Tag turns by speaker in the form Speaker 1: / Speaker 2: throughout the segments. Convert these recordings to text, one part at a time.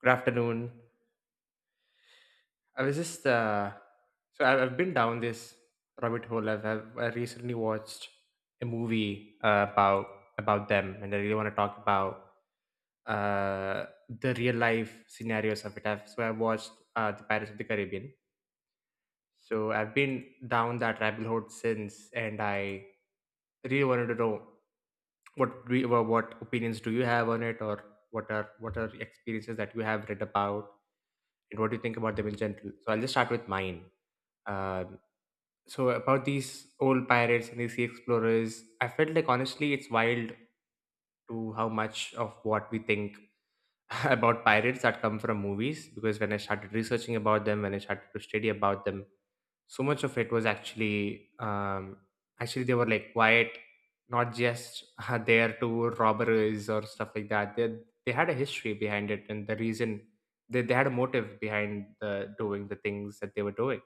Speaker 1: Good afternoon. I was just I've been down this rabbit hole. I recently watched a movie about them, and I really want to talk about the real life scenarios of it. I watched the Pirates of the Caribbean. So I've been down that rabbit hole since, and I really wanted to know what opinions do you have on it, or what are experiences that you have read about, and what do you think about them in general. So I'll just start with mine. Um, so about these old pirates and these sea explorers, I felt like, honestly, it's wild to how much of what we think about pirates that come from movies. Because when I started researching about them, when I started to study about them, so much of it was actually they were like quiet, not just there to robberies or stuff like that. They had a history behind it, and the reason they had a motive behind the doing the things that they were doing.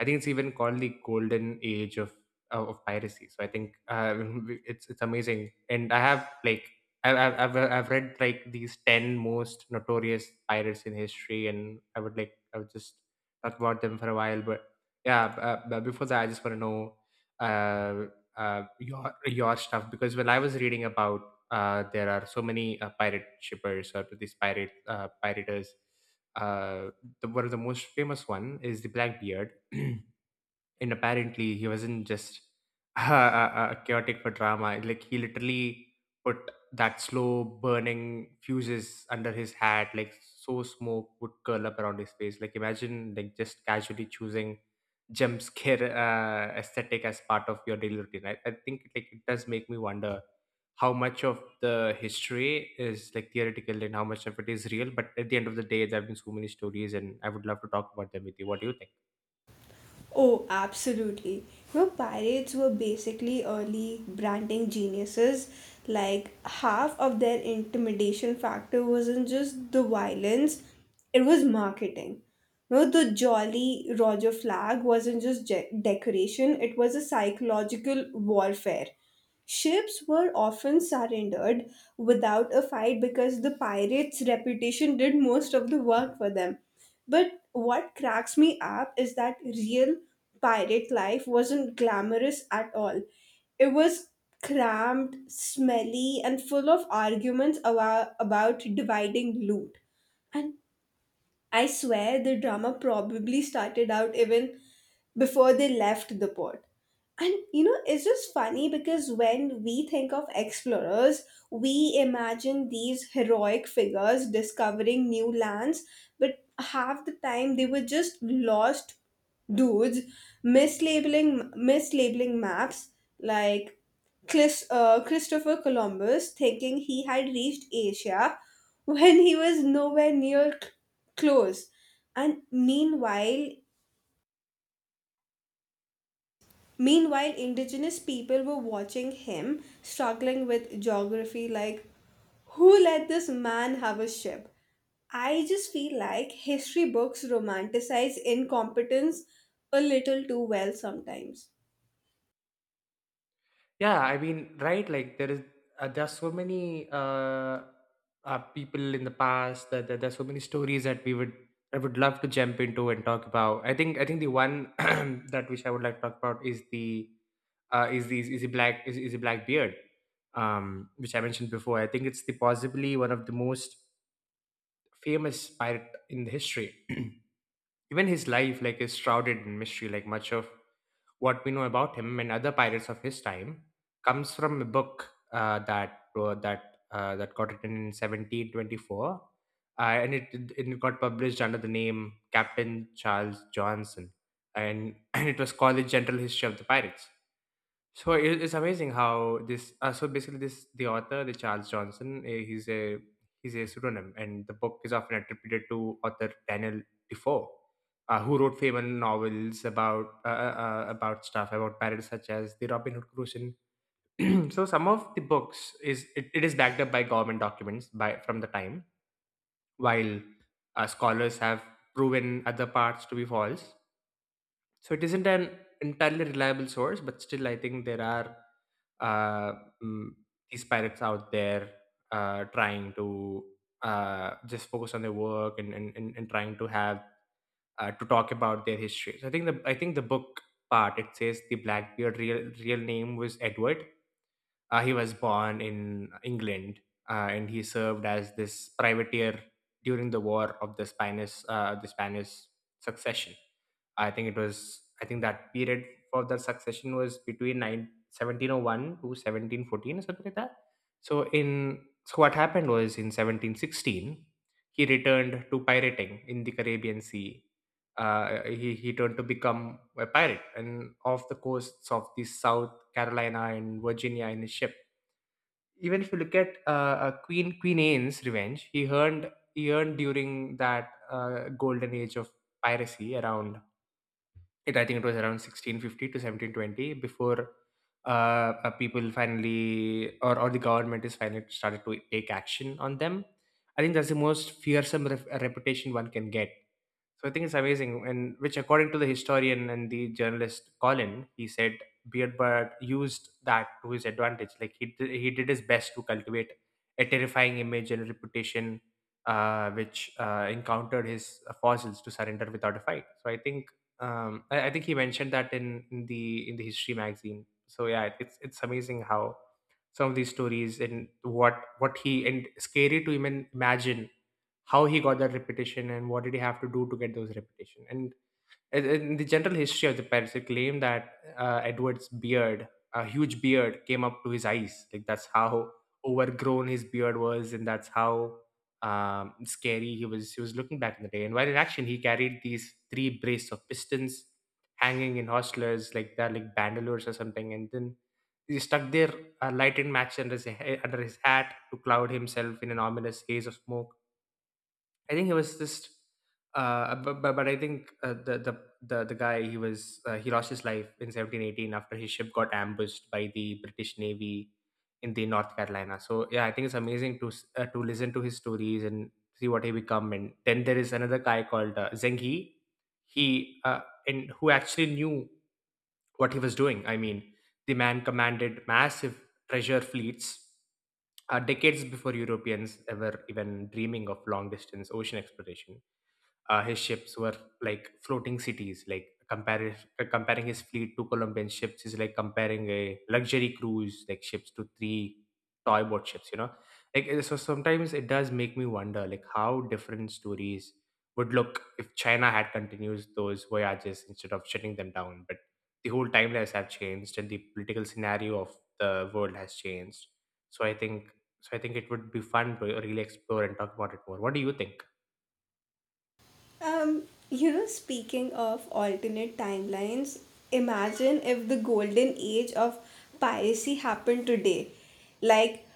Speaker 1: I think it's even called the golden age of piracy. So I think it's amazing, and I have like I've read like these 10 most notorious pirates in history, and I would just talk about them for a while. But yeah, but before that, I just want to know uh, your stuff because when I was reading about there are so many pirate shippers or these pirate piraters. Uh, one of the most famous one is the Blackbeard, and apparently he wasn't just chaotic for drama, like he literally put that slow burning fuses under his hat, like so smoke would curl up around his face, like imagine like just casually choosing jump scare aesthetic as part of your daily routine. I think like it does make me wonder how much of the history is like theoretical and how much of it is real, but at the end of the day there have been so many stories, and I would love to talk about them with you. What do you think?
Speaker 2: Oh, absolutely. You know, pirates were basically early branding geniuses. Like, half of their intimidation factor wasn't just the violence, it was marketing. You know, the Jolly Roger flag wasn't just decoration, it was a psychological warfare. Ships were often surrendered without a fight because the pirates' reputation did most of the work for them. But what cracks me up is that real pirate life wasn't glamorous at all. It was cramped, smelly, and full of arguments about dividing loot. And I swear the drama probably started out even before they left the port. And you know, it's just funny because when we think of explorers, we imagine these heroic figures discovering new lands, but half the time they were just lost dudes mislabeling maps like Christopher Columbus, thinking he had reached Asia when he was nowhere near close. And meanwhile, indigenous people were watching him, struggling with geography like, who let this man have a ship? I just feel like history books romanticize incompetence a little too well sometimes.
Speaker 1: Yeah, I mean, right? There are so many people in the past that there are so many stories that I would love to jump into and talk about. I think the one that which I would like to talk about is the, is the, is the black beard, which I mentioned before. I think it's the possibly one of the most famous pirate in the history. Even his life, like, is shrouded in mystery, like much of what we know about him and other pirates of his time comes from a book that got written in 1724, and it got published under the name Captain Charles Johnson, and and it was called the General History of the Pirates. So it's amazing how this. So basically, this the author, the Charles Johnson, he's a pseudonym, and the book is often attributed to author Daniel Defoe, who wrote famous novels about stuff about pirates such as the Robin Hood Crucian. So some of the books is it is backed up by government documents by from the time, while scholars have proven other parts to be false, so it isn't an entirely reliable source, but still, I think there are uh, mm, these pirates out there trying to just focus on their work, and trying to have to talk about their history. So I think the book part it says the Blackbeard real name was Edward. He was born in England, and he served as this privateer during the war of the Spanish succession. I think that period for the succession was between nine seventeen o one to 1714 or something like that. So what happened was in 1716 he returned to pirating in the Caribbean Sea. He turned to become a pirate and off the coasts of the South Carolina and Virginia in his ship, even if you look at Queen Anne's Revenge. He earned during that golden age of piracy around it. I think it was around 1650 to 1720 before uh, people finally or the government is finally started to take action on them. I think that's the most fearsome reputation one can get, so I think it's amazing, and which, according to the historian and the journalist Colin, he said Beardbird used that to his advantage. Like he did his best to cultivate a terrifying image and reputation, which encountered his fossils to surrender without a fight. So I think, I think he mentioned that in the history magazine. So yeah, it's amazing how some of these stories, and what he, and scary to even imagine how he got that reputation and what did he have to do to get those reputation. And in the general history of the pirates they claim that Edward's beard, a huge beard, came up to his eyes, like that's how overgrown his beard was, and that's how scary he was. Looking back in the day, and while in action he carried these 3 brace of pistons hanging in hostlers like they're like bandoliers or something, and then he stuck their lighted match under his hat to cloud himself in an ominous haze of smoke. I think he was just, but I think the guy he was, he lost his life in 1718 after his ship got ambushed by the British Navy in the North Carolina. So yeah, I think it's amazing to to listen to his stories and see what he become. And then there is another guy called Zheng He, he uh, and who actually knew what he was doing. I mean, the man commanded massive treasure fleets decades before Europeans ever even dreaming of long distance ocean exploration. His ships were like floating cities, like comparing his fleet to Colombian ships is like comparing a luxury cruise like ships to three toy boat ships. You know, like so sometimes it does make me wonder like how different stories would look if China had continued those voyages instead of shutting them down. But the whole timelines have changed and the political scenario of the world has changed. So I think so I think it would be fun to really explore and talk about it more. What do you think?
Speaker 2: Um, you know, speaking of alternate timelines, imagine if the golden age of piracy happened today. Like,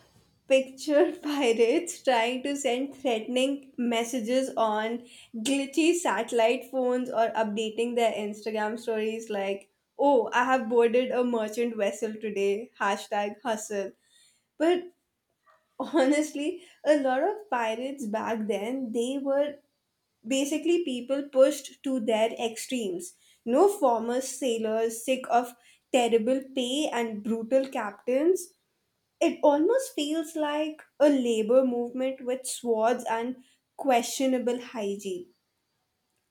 Speaker 2: picture pirates trying to send threatening messages on glitchy satellite phones or updating their Instagram stories like, oh, I have boarded a merchant vessel today, hashtag hustle. But honestly, a lot of pirates back then, they were basically people pushed to their extremes. No former sailors sick of terrible pay and brutal captains. It almost feels like a labor movement with swords and questionable hygiene.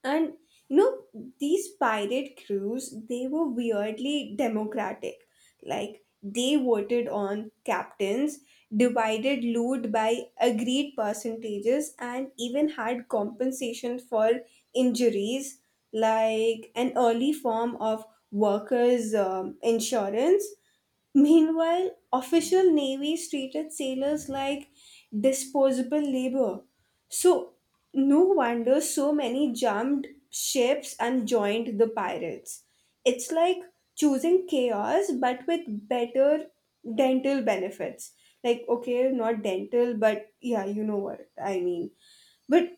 Speaker 2: And you know, these pirate crews, they were weirdly democratic. Like they voted on captains, divided loot by agreed percentages, and even had compensation for injuries, like an early form of workers' insurance. Meanwhile, official navies treated sailors like disposable labor, so, no wonder so many jumped ships and joined the pirates. It's like choosing chaos but with better dental benefits. Like, okay, not dental, but yeah, you know what I mean. But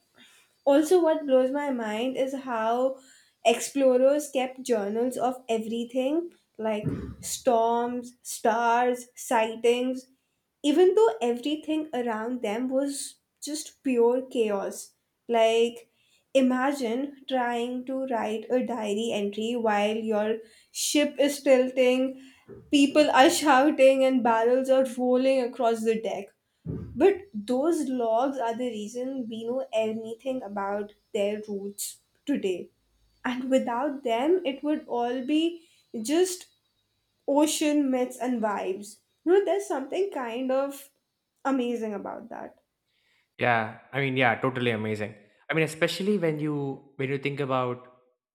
Speaker 2: also, what blows my mind is how explorers kept journals of everything like storms, stars, sightings, even though everything around them was just pure chaos. Like, imagine trying to write a diary entry while your ship is tilting, people are shouting, and barrels are rolling across the deck. But those logs are the reason we know anything about their roots today. And without them, it would all be just ocean myths and vibes. You know, there's something kind of amazing about that.
Speaker 1: Yeah, I mean, yeah, totally amazing. I mean, especially when you think about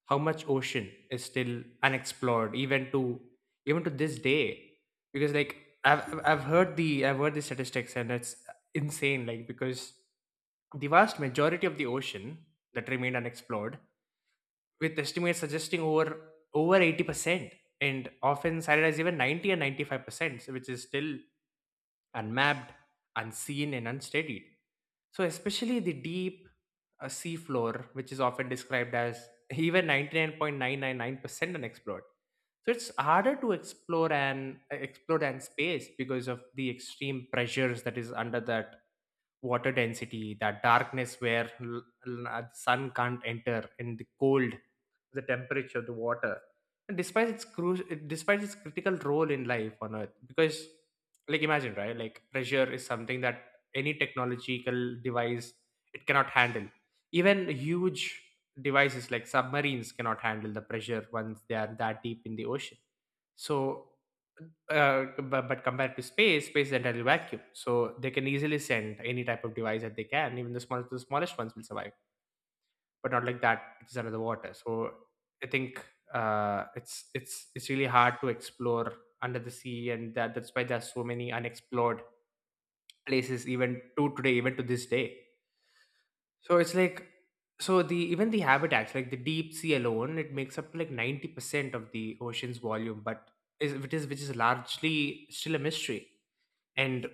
Speaker 1: how much ocean is still unexplored, even to even to this day, because like I've heard the statistics and it's insane. Like because the vast majority of the ocean that remained unexplored, with estimates suggesting over 80%, and often cited as even 90 and 95%, which is still unmapped, unseen, and unstudied. So, especially the deep sea floor, which is often described as even 99.999% unexplored. So it's harder to explore and explore than space because of the extreme pressures that is under, that water density, that darkness where the sun can't enter, and the cold, the temperature of the water, and despite its despite its critical role in life on earth. Because like imagine, right, like pressure is something that any technological device it cannot handle. Even huge devices like submarines cannot handle the pressure once they are that deep in the ocean. So but compared to space, space is entirely vacuum. So they can easily send any type of device that they can. Even the smallest ones will survive, but not like that. It's under the water. So I think it's it's really hard to explore under the sea, and that's why there's so many unexplored places even to today, even to this day. So it's like so the even the habitats like the deep sea alone it makes up like 90% of the ocean's volume, but is which is largely still a mystery. And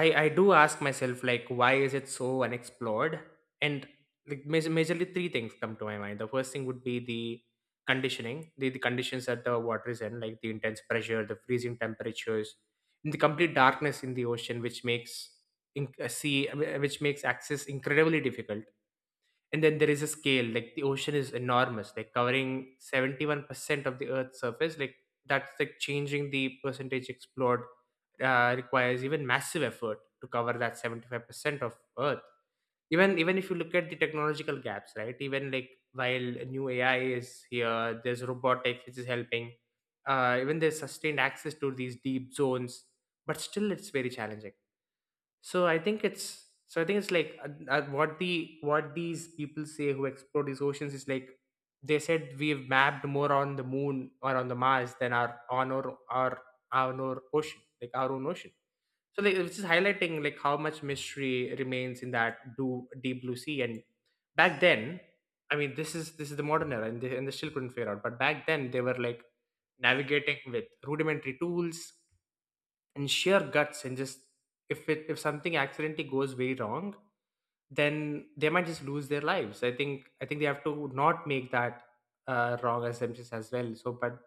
Speaker 1: I do ask myself like why is it so unexplored. And like majorly three things come to my mind. The first thing would be the the conditions that the water is in, like the intense pressure, the freezing temperatures, and the complete darkness in the ocean, which makes which makes access incredibly difficult. And then there is a scale, like the ocean is enormous, like covering 71% of the earth's surface, like that's like changing the percentage explored requires even massive effort to cover that 75% of earth. Even if you look at the technological gaps, right, even like while new AI is here, there's robotics which is helping, even there's sustained access to these deep zones, but still it's very challenging. So I think it's like what the what these people say who explore these oceans is like, they said we've mapped more on the moon or on the Mars than our on our our own ocean, like our own ocean. So like it's just highlighting like how much mystery remains in that deep blue sea. And back then, I mean this is the modern era and they still couldn't figure out. But back then they were like navigating with rudimentary tools and sheer guts, and just if it if something accidentally goes very wrong, then they might just lose their lives. I think they have to not make that wrong assumptions as well. But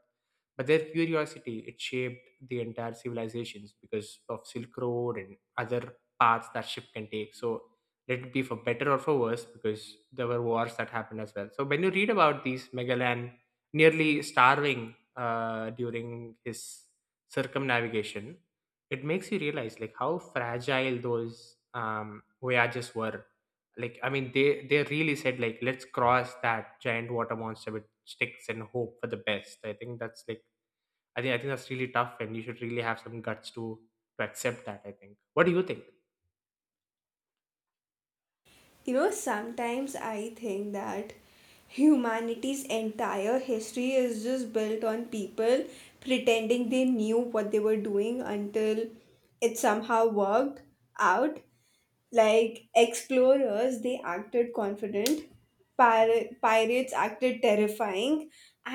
Speaker 1: but their curiosity, it shaped the entire civilizations because of silk road and other paths that ship can take. So let it be for better or for worse, because there were wars that happened as well. So when you read about these Magellan nearly starving during his circumnavigation, it makes you realize like how fragile those voyages were. Like I mean they really said like let's cross that giant water monster with sticks and hope for the best. I think that's really tough and you should really have some guts to accept that. I think What do you think?
Speaker 2: You know, sometimes I think that humanity's entire history is just built on people pretending they knew what they were doing until it somehow worked out. Like explorers, they acted confident, pirates acted terrifying,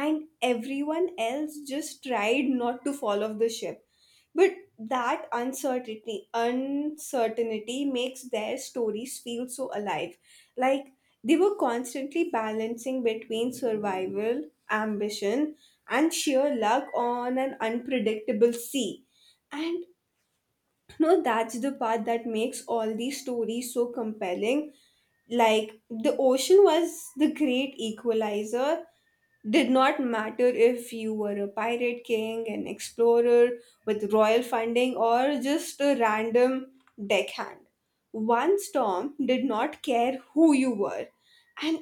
Speaker 2: and everyone else just tried not to fall off the ship. But that uncertainty makes their stories feel so alive. Like they were constantly balancing between survival, ambition, and sheer luck on an unpredictable sea. And no, that's the part that makes all these stories so compelling. Like, the ocean was the great equalizer. Did not matter if you were a pirate king, an explorer with royal funding, or just a random deckhand. One storm did not care who you were. And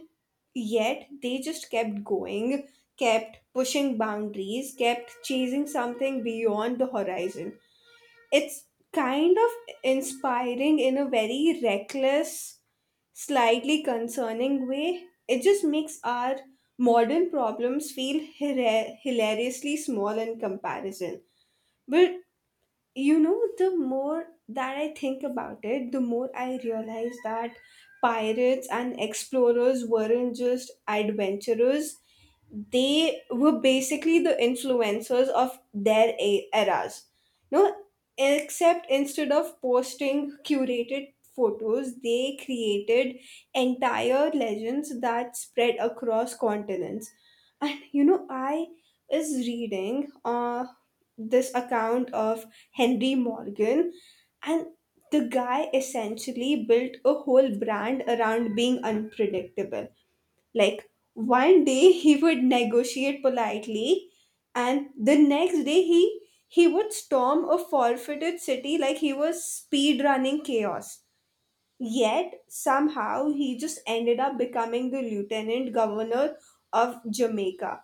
Speaker 2: yet, they just kept going, kept pushing boundaries, kept chasing something beyond the horizon. It's kind of inspiring in a very reckless, slightly concerning way. It just makes our modern problems feel hilariously small in comparison. But you know, the more that I think about it, the more I realize that pirates and explorers weren't just adventurers, they were basically the influencers of their eras. No, except instead of posting curated photos, they created entire legends that spread across continents. And you know, I is reading this account of Henry Morgan, and the guy essentially built a whole brand around being unpredictable like one day he would negotiate politely, and the next day he would storm a forfeited city like he was speed running chaos. Yet somehow he just ended up becoming the lieutenant governor of Jamaica,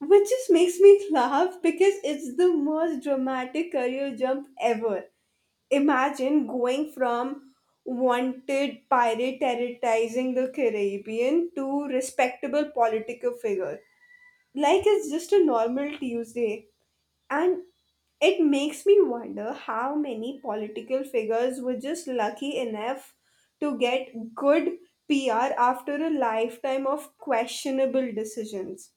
Speaker 2: which just makes me laugh because it's the most dramatic career jump ever. Imagine going from wanted pirate terrorizing the Caribbean to respectable political figure. Like it's just a normal Tuesday. And it makes me wonder how many political figures were just lucky enough to get good PR after a lifetime of questionable decisions.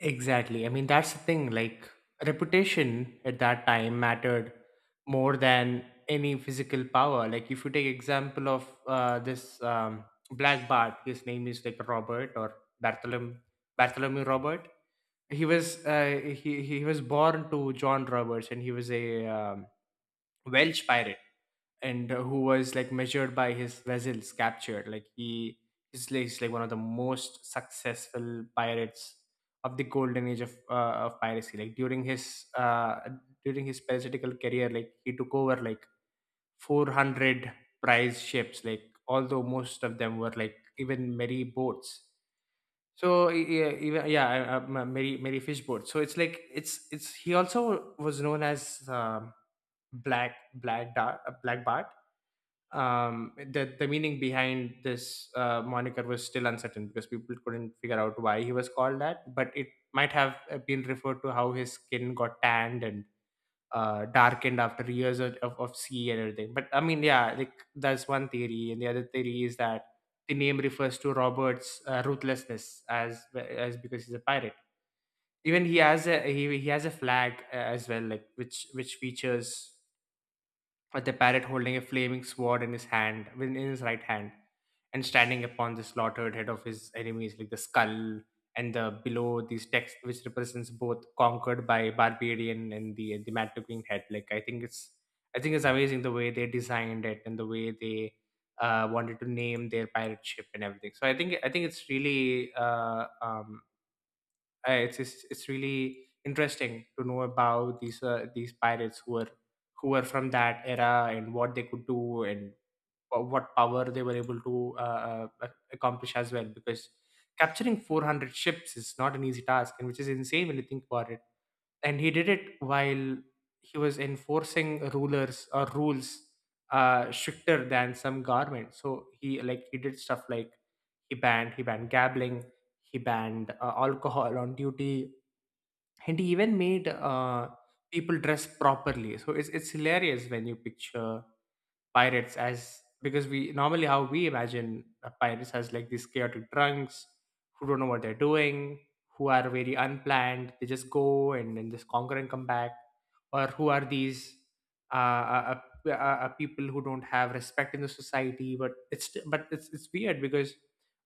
Speaker 1: Exactly. I mean that's the thing, like reputation at that time mattered more than any physical power. Like if you take example of this black bart, his name is like robert or bartholomew, bartholomew robert. He was he was born to John Roberts, and he was a Welsh pirate, and who was like measured by his vessels captured. Like he's like one of the most successful pirates of the golden age of piracy. Like during his parasitical career, like he took over like 400 prize ships. Like although most of them were like even merry boats. So yeah, even yeah, Mary Fishboard. So it's like it's he also was known as Black Dart, Black Bart. The meaning behind this moniker was still uncertain because people couldn't figure out why he was called that. But it might have been referred to how his skin got tanned and darkened after years of sea and everything. But I mean, yeah, like that's one theory, and the other theory is that the name refers to Robert's ruthlessness as because he's a pirate. Even he has a he has a flag as well, like which features with the parrot holding a flaming sword in his hand, in his right hand, and standing upon the slaughtered head of his enemies, like the skull and the below these text, which represents both conquered by barbarian and the mad looking head. I think it's amazing the way they designed it and the way they wanted to name their pirate ship and everything. So I think it's really it's really interesting to know about these pirates who were from that era and what they could do, and what power they were able to accomplish as well, because capturing 400 ships is not an easy task, and which is insane when you think about it. And he did it while he was enforcing rulers or rules stricter than some government. So he like he did stuff like he banned gambling, he banned alcohol on duty, and he even made people dress properly. So it's hilarious when you picture pirates as, because we normally how we imagine pirates as like these chaotic drunks who don't know what they're doing, who are very unplanned. They just go and then just conquer and come back, or who are these uh, uh, people who don't have respect in the society. But it's weird because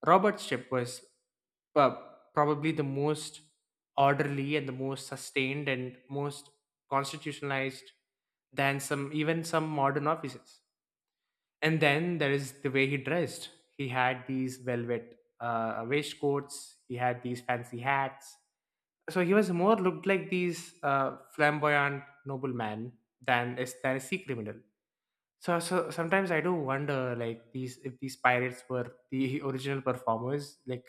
Speaker 1: Robert's ship was uh, probably the most orderly and the most sustained and most constitutionalized than some modern offices. And then there is the way he dressed. He had these velvet waistcoats, he had these fancy hats, so he was more looked like these flamboyant nobleman than than a sea criminal. So sometimes I do wonder like these, if these pirates were the original performers, like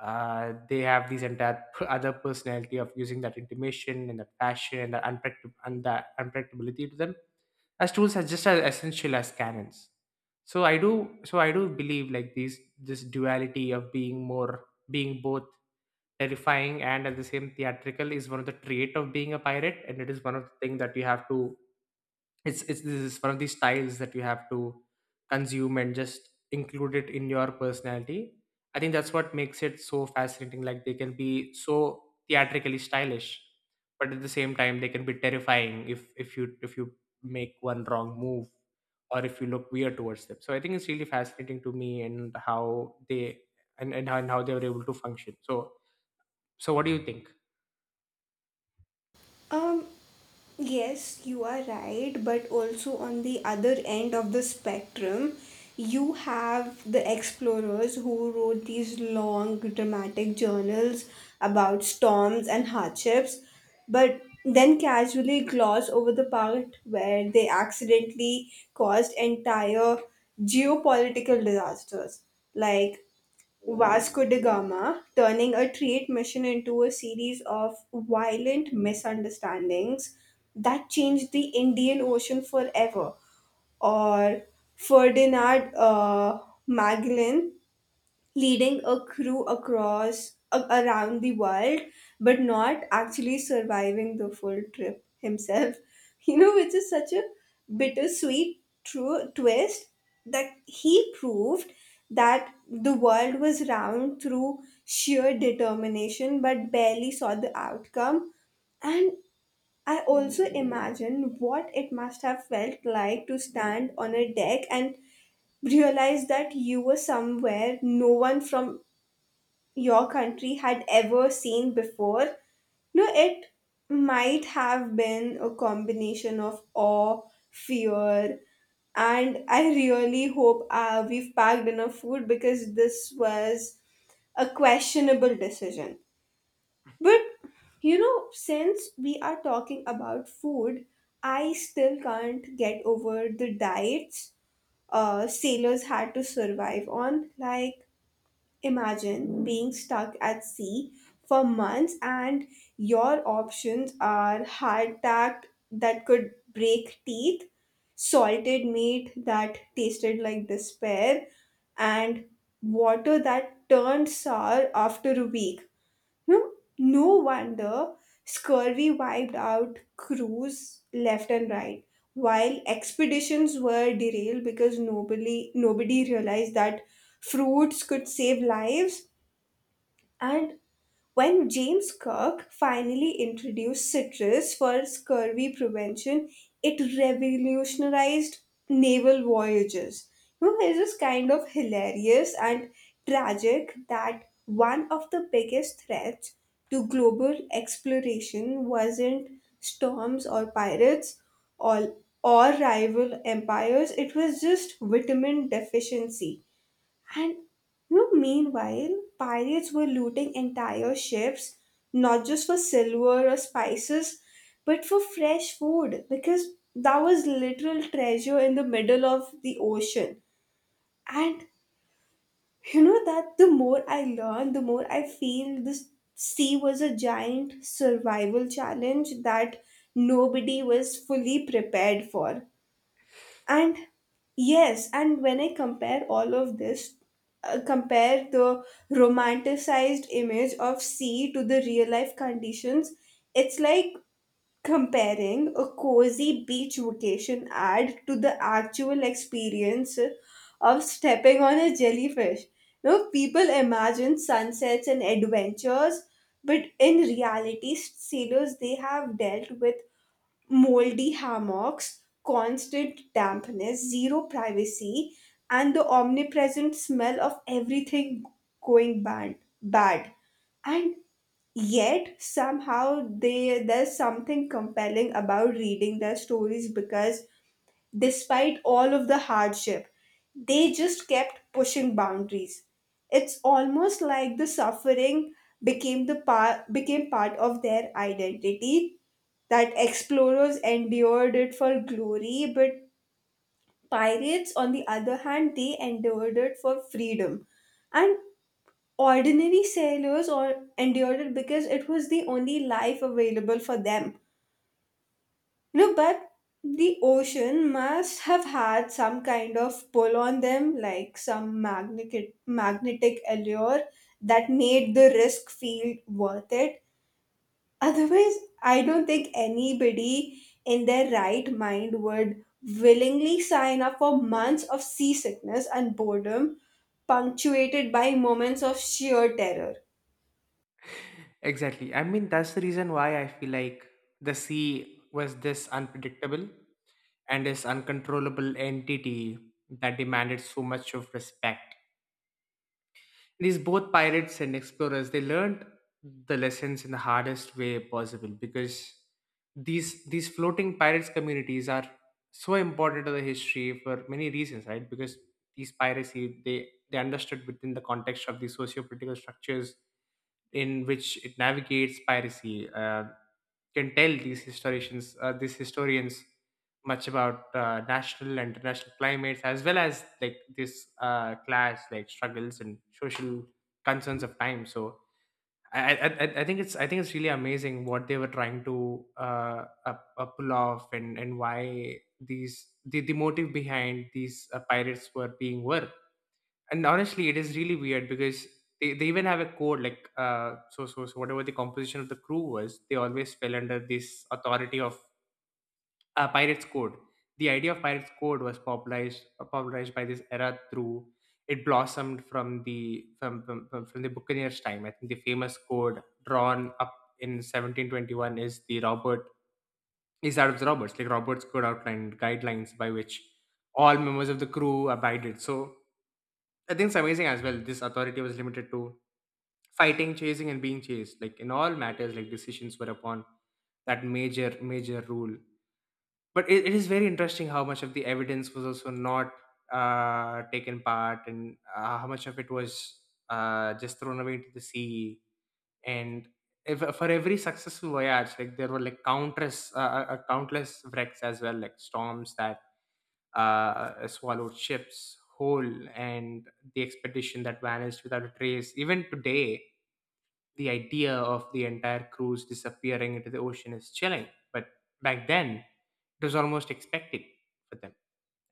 Speaker 1: they have these entire other personality of using that intimation and that passion and that unpredictable and that unpredictability to them as tools are just as essential as canons. so i do so I do believe like these this duality of being more being both terrifying and at the same theatrical is one of the trait of being a pirate, and it is one of the things that you have to it's this is one of these styles that you have to consume and just include it in your personality. I think that's what makes it so fascinating, like they can be so theatrically stylish, but at the same time they can be terrifying if you make one wrong move or if you look weird towards them. So I think it's really fascinating to me and how they and how they were able to function. So so what do you think?
Speaker 2: Um, Yes, you are right, but also on the other end of the spectrum, you have the explorers who wrote these long dramatic journals about storms and hardships, but then casually gloss over the part where they accidentally caused entire geopolitical disasters like Vasco da Gama, turning a trade mission into a series of violent misunderstandings that changed the Indian Ocean forever, or Ferdinand Magellan leading a crew across around the world but not actually surviving the full trip himself, you know, which is such a bittersweet true twist that he proved that the world was round through sheer determination but barely saw the outcome. And I also imagine what it must have felt like to stand on a deck and realize that you were somewhere no one from your country had ever seen before. No, it might have been a combination of awe, fear, and I really hope we've packed enough food because this was a questionable decision. But you know, since we are talking about food, I still can't get over the diets sailors had to survive on. Like, imagine being stuck at sea for months and your options are hardtack that could break teeth, salted meat that tasted like despair, and water that turned sour after a week. Hmm? No wonder scurvy wiped out crews left and right, while expeditions were derailed because nobody realized that fruits could save lives. And when James Kirk finally introduced citrus for scurvy prevention, it revolutionized naval voyages. You know, it's kind of hilarious and tragic that one of the biggest threats to global exploration wasn't storms or pirates or, or rival empires, it was just vitamin deficiency. And you know, meanwhile, pirates were looting entire ships, not just for silver or spices, but for fresh food because that was literal treasure in the middle of the ocean. And you know that the more I learn, the more I feel this sea was a giant survival challenge that nobody was fully prepared for. And yes, and when I compare all of this, compare the romanticized image of sea to the real life conditions, it's like comparing a cozy beach vacation ad to the actual experience of stepping on a jellyfish. You know, people imagine sunsets and adventures, but in reality, sailors they have dealt with moldy hammocks, constant dampness, zero privacy, and the omnipresent smell of everything going bad. And yet somehow they there's something compelling about reading their stories because despite all of the hardship, they just kept pushing boundaries. It's almost like the suffering became the part became part of their identity, that explorers endured it for glory, but pirates, on the other hand, they endured it for freedom. And ordinary sailors or endured it because it was the only life available for them. You know, but the ocean must have had some kind of pull on them, like some magnetic allure that made the risk feel worth it. Otherwise, I don't think anybody in their right mind would willingly sign up for months of seasickness and boredom, punctuated by moments of sheer terror.
Speaker 1: Exactly. I mean, that's the reason why I feel like the sea was this unpredictable and this uncontrollable entity that demanded so much of respect. These both pirates and explorers, they learned the lessons in the hardest way possible. Because these floating pirates communities are so important to the history for many reasons, right? Because these piracy they understood within the context of the socio-political structures in which it navigates piracy. Can tell these historians, much about national and international climates, as well as like this class like struggles and social concerns of time. So I think it's really amazing what they were trying to pull off, and why these the motive behind these pirates were being were. And honestly, it is really weird because they even have a code, like so whatever the composition of the crew was, they always fell under this authority of pirates code. The idea of pirates code was popularized by this era through. It blossomed from from the buccaneers time. I think the famous code drawn up in 1721 is the roberts, like robert's code outlined guidelines by which all members of the crew abided. So I think it's amazing as well. This authority was limited to fighting, chasing, and being chased. Like in all matters, like decisions were upon that major, major rule. But it is very interesting how much of the evidence was also not taken part, and how much of it was just thrown away into the sea. And if, for every successful voyage, like there were like countless, countless wrecks as well, like storms that swallowed ships whole, and the expedition that vanished without a trace. Even today, the idea of the entire cruise disappearing into the ocean is chilling. But back then, it was almost expected for them.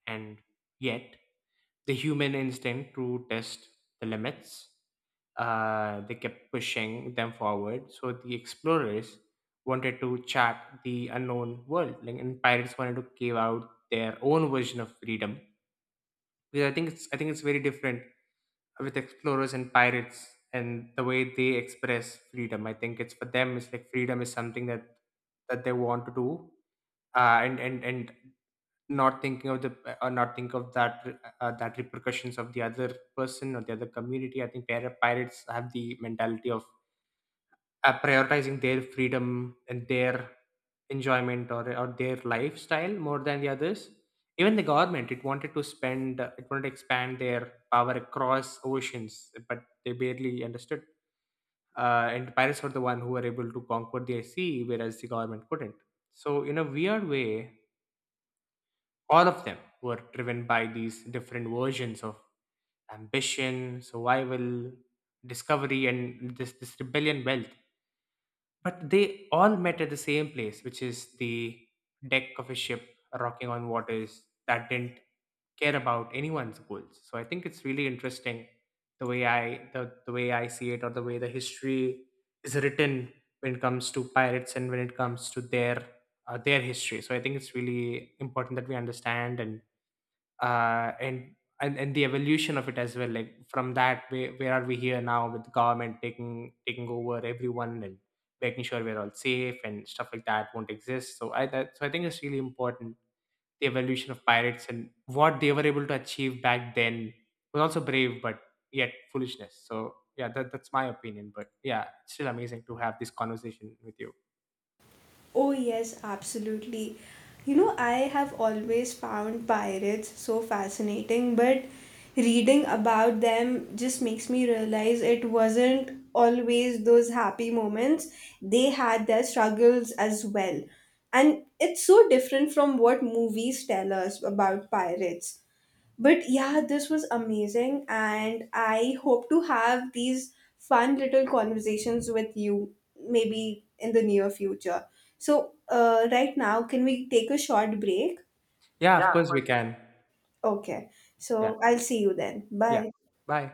Speaker 1: And yet, the human instinct to test the limits, they kept pushing them forward. So the explorers wanted to chart the unknown world, like, and pirates wanted to give out their own version of freedom. Because I think it's very different with explorers and pirates and the way they express freedom. I think it's for them it's like freedom is something that that they want to do, and not thinking of the or not think of that that repercussions of the other person or the other community. I think pirates have the mentality of prioritizing their freedom and their enjoyment, or their lifestyle more than the others. Even the government, it wanted to spend it wanted to expand their power across oceans, but they barely understood, and pirates were the one who were able to conquer the sea, whereas the government couldn't. So in a weird way, all of them were driven by these different versions of ambition, survival, discovery, and this rebellion wealth. But they all met at the same place, which is the deck of a ship rocking on waters that didn't care about anyone's goals. So I think it's really interesting the way the way I see it, or the way the history is written when it comes to pirates and when it comes to their history. So I think it's really important that we understand, and uh, and and the evolution of it as well, like from that where are we here now, with the government taking over everyone and making sure we're all safe, and stuff like that won't exist. So I think it's really important the evolution of pirates and what they were able to achieve back then was also brave, but yet foolishness. So yeah, that's my opinion. But yeah, it's still amazing to have this conversation with you.
Speaker 2: Oh, yes, absolutely. You know, I have always found pirates so fascinating, but reading about them just makes me realize it wasn't always those happy moments. They had their struggles as well. And it's so different from what movies tell us about pirates. But yeah, this was amazing, and I hope to have these fun little conversations with you maybe in the near future. So, right now, can we take a short break?
Speaker 1: Yeah,
Speaker 2: Yeah,
Speaker 1: of
Speaker 2: of
Speaker 1: course we
Speaker 2: course.
Speaker 1: can.
Speaker 2: Okay,
Speaker 1: Yeah.
Speaker 2: so I'll see you then.
Speaker 1: Yeah.
Speaker 2: Bye.
Speaker 1: Bye.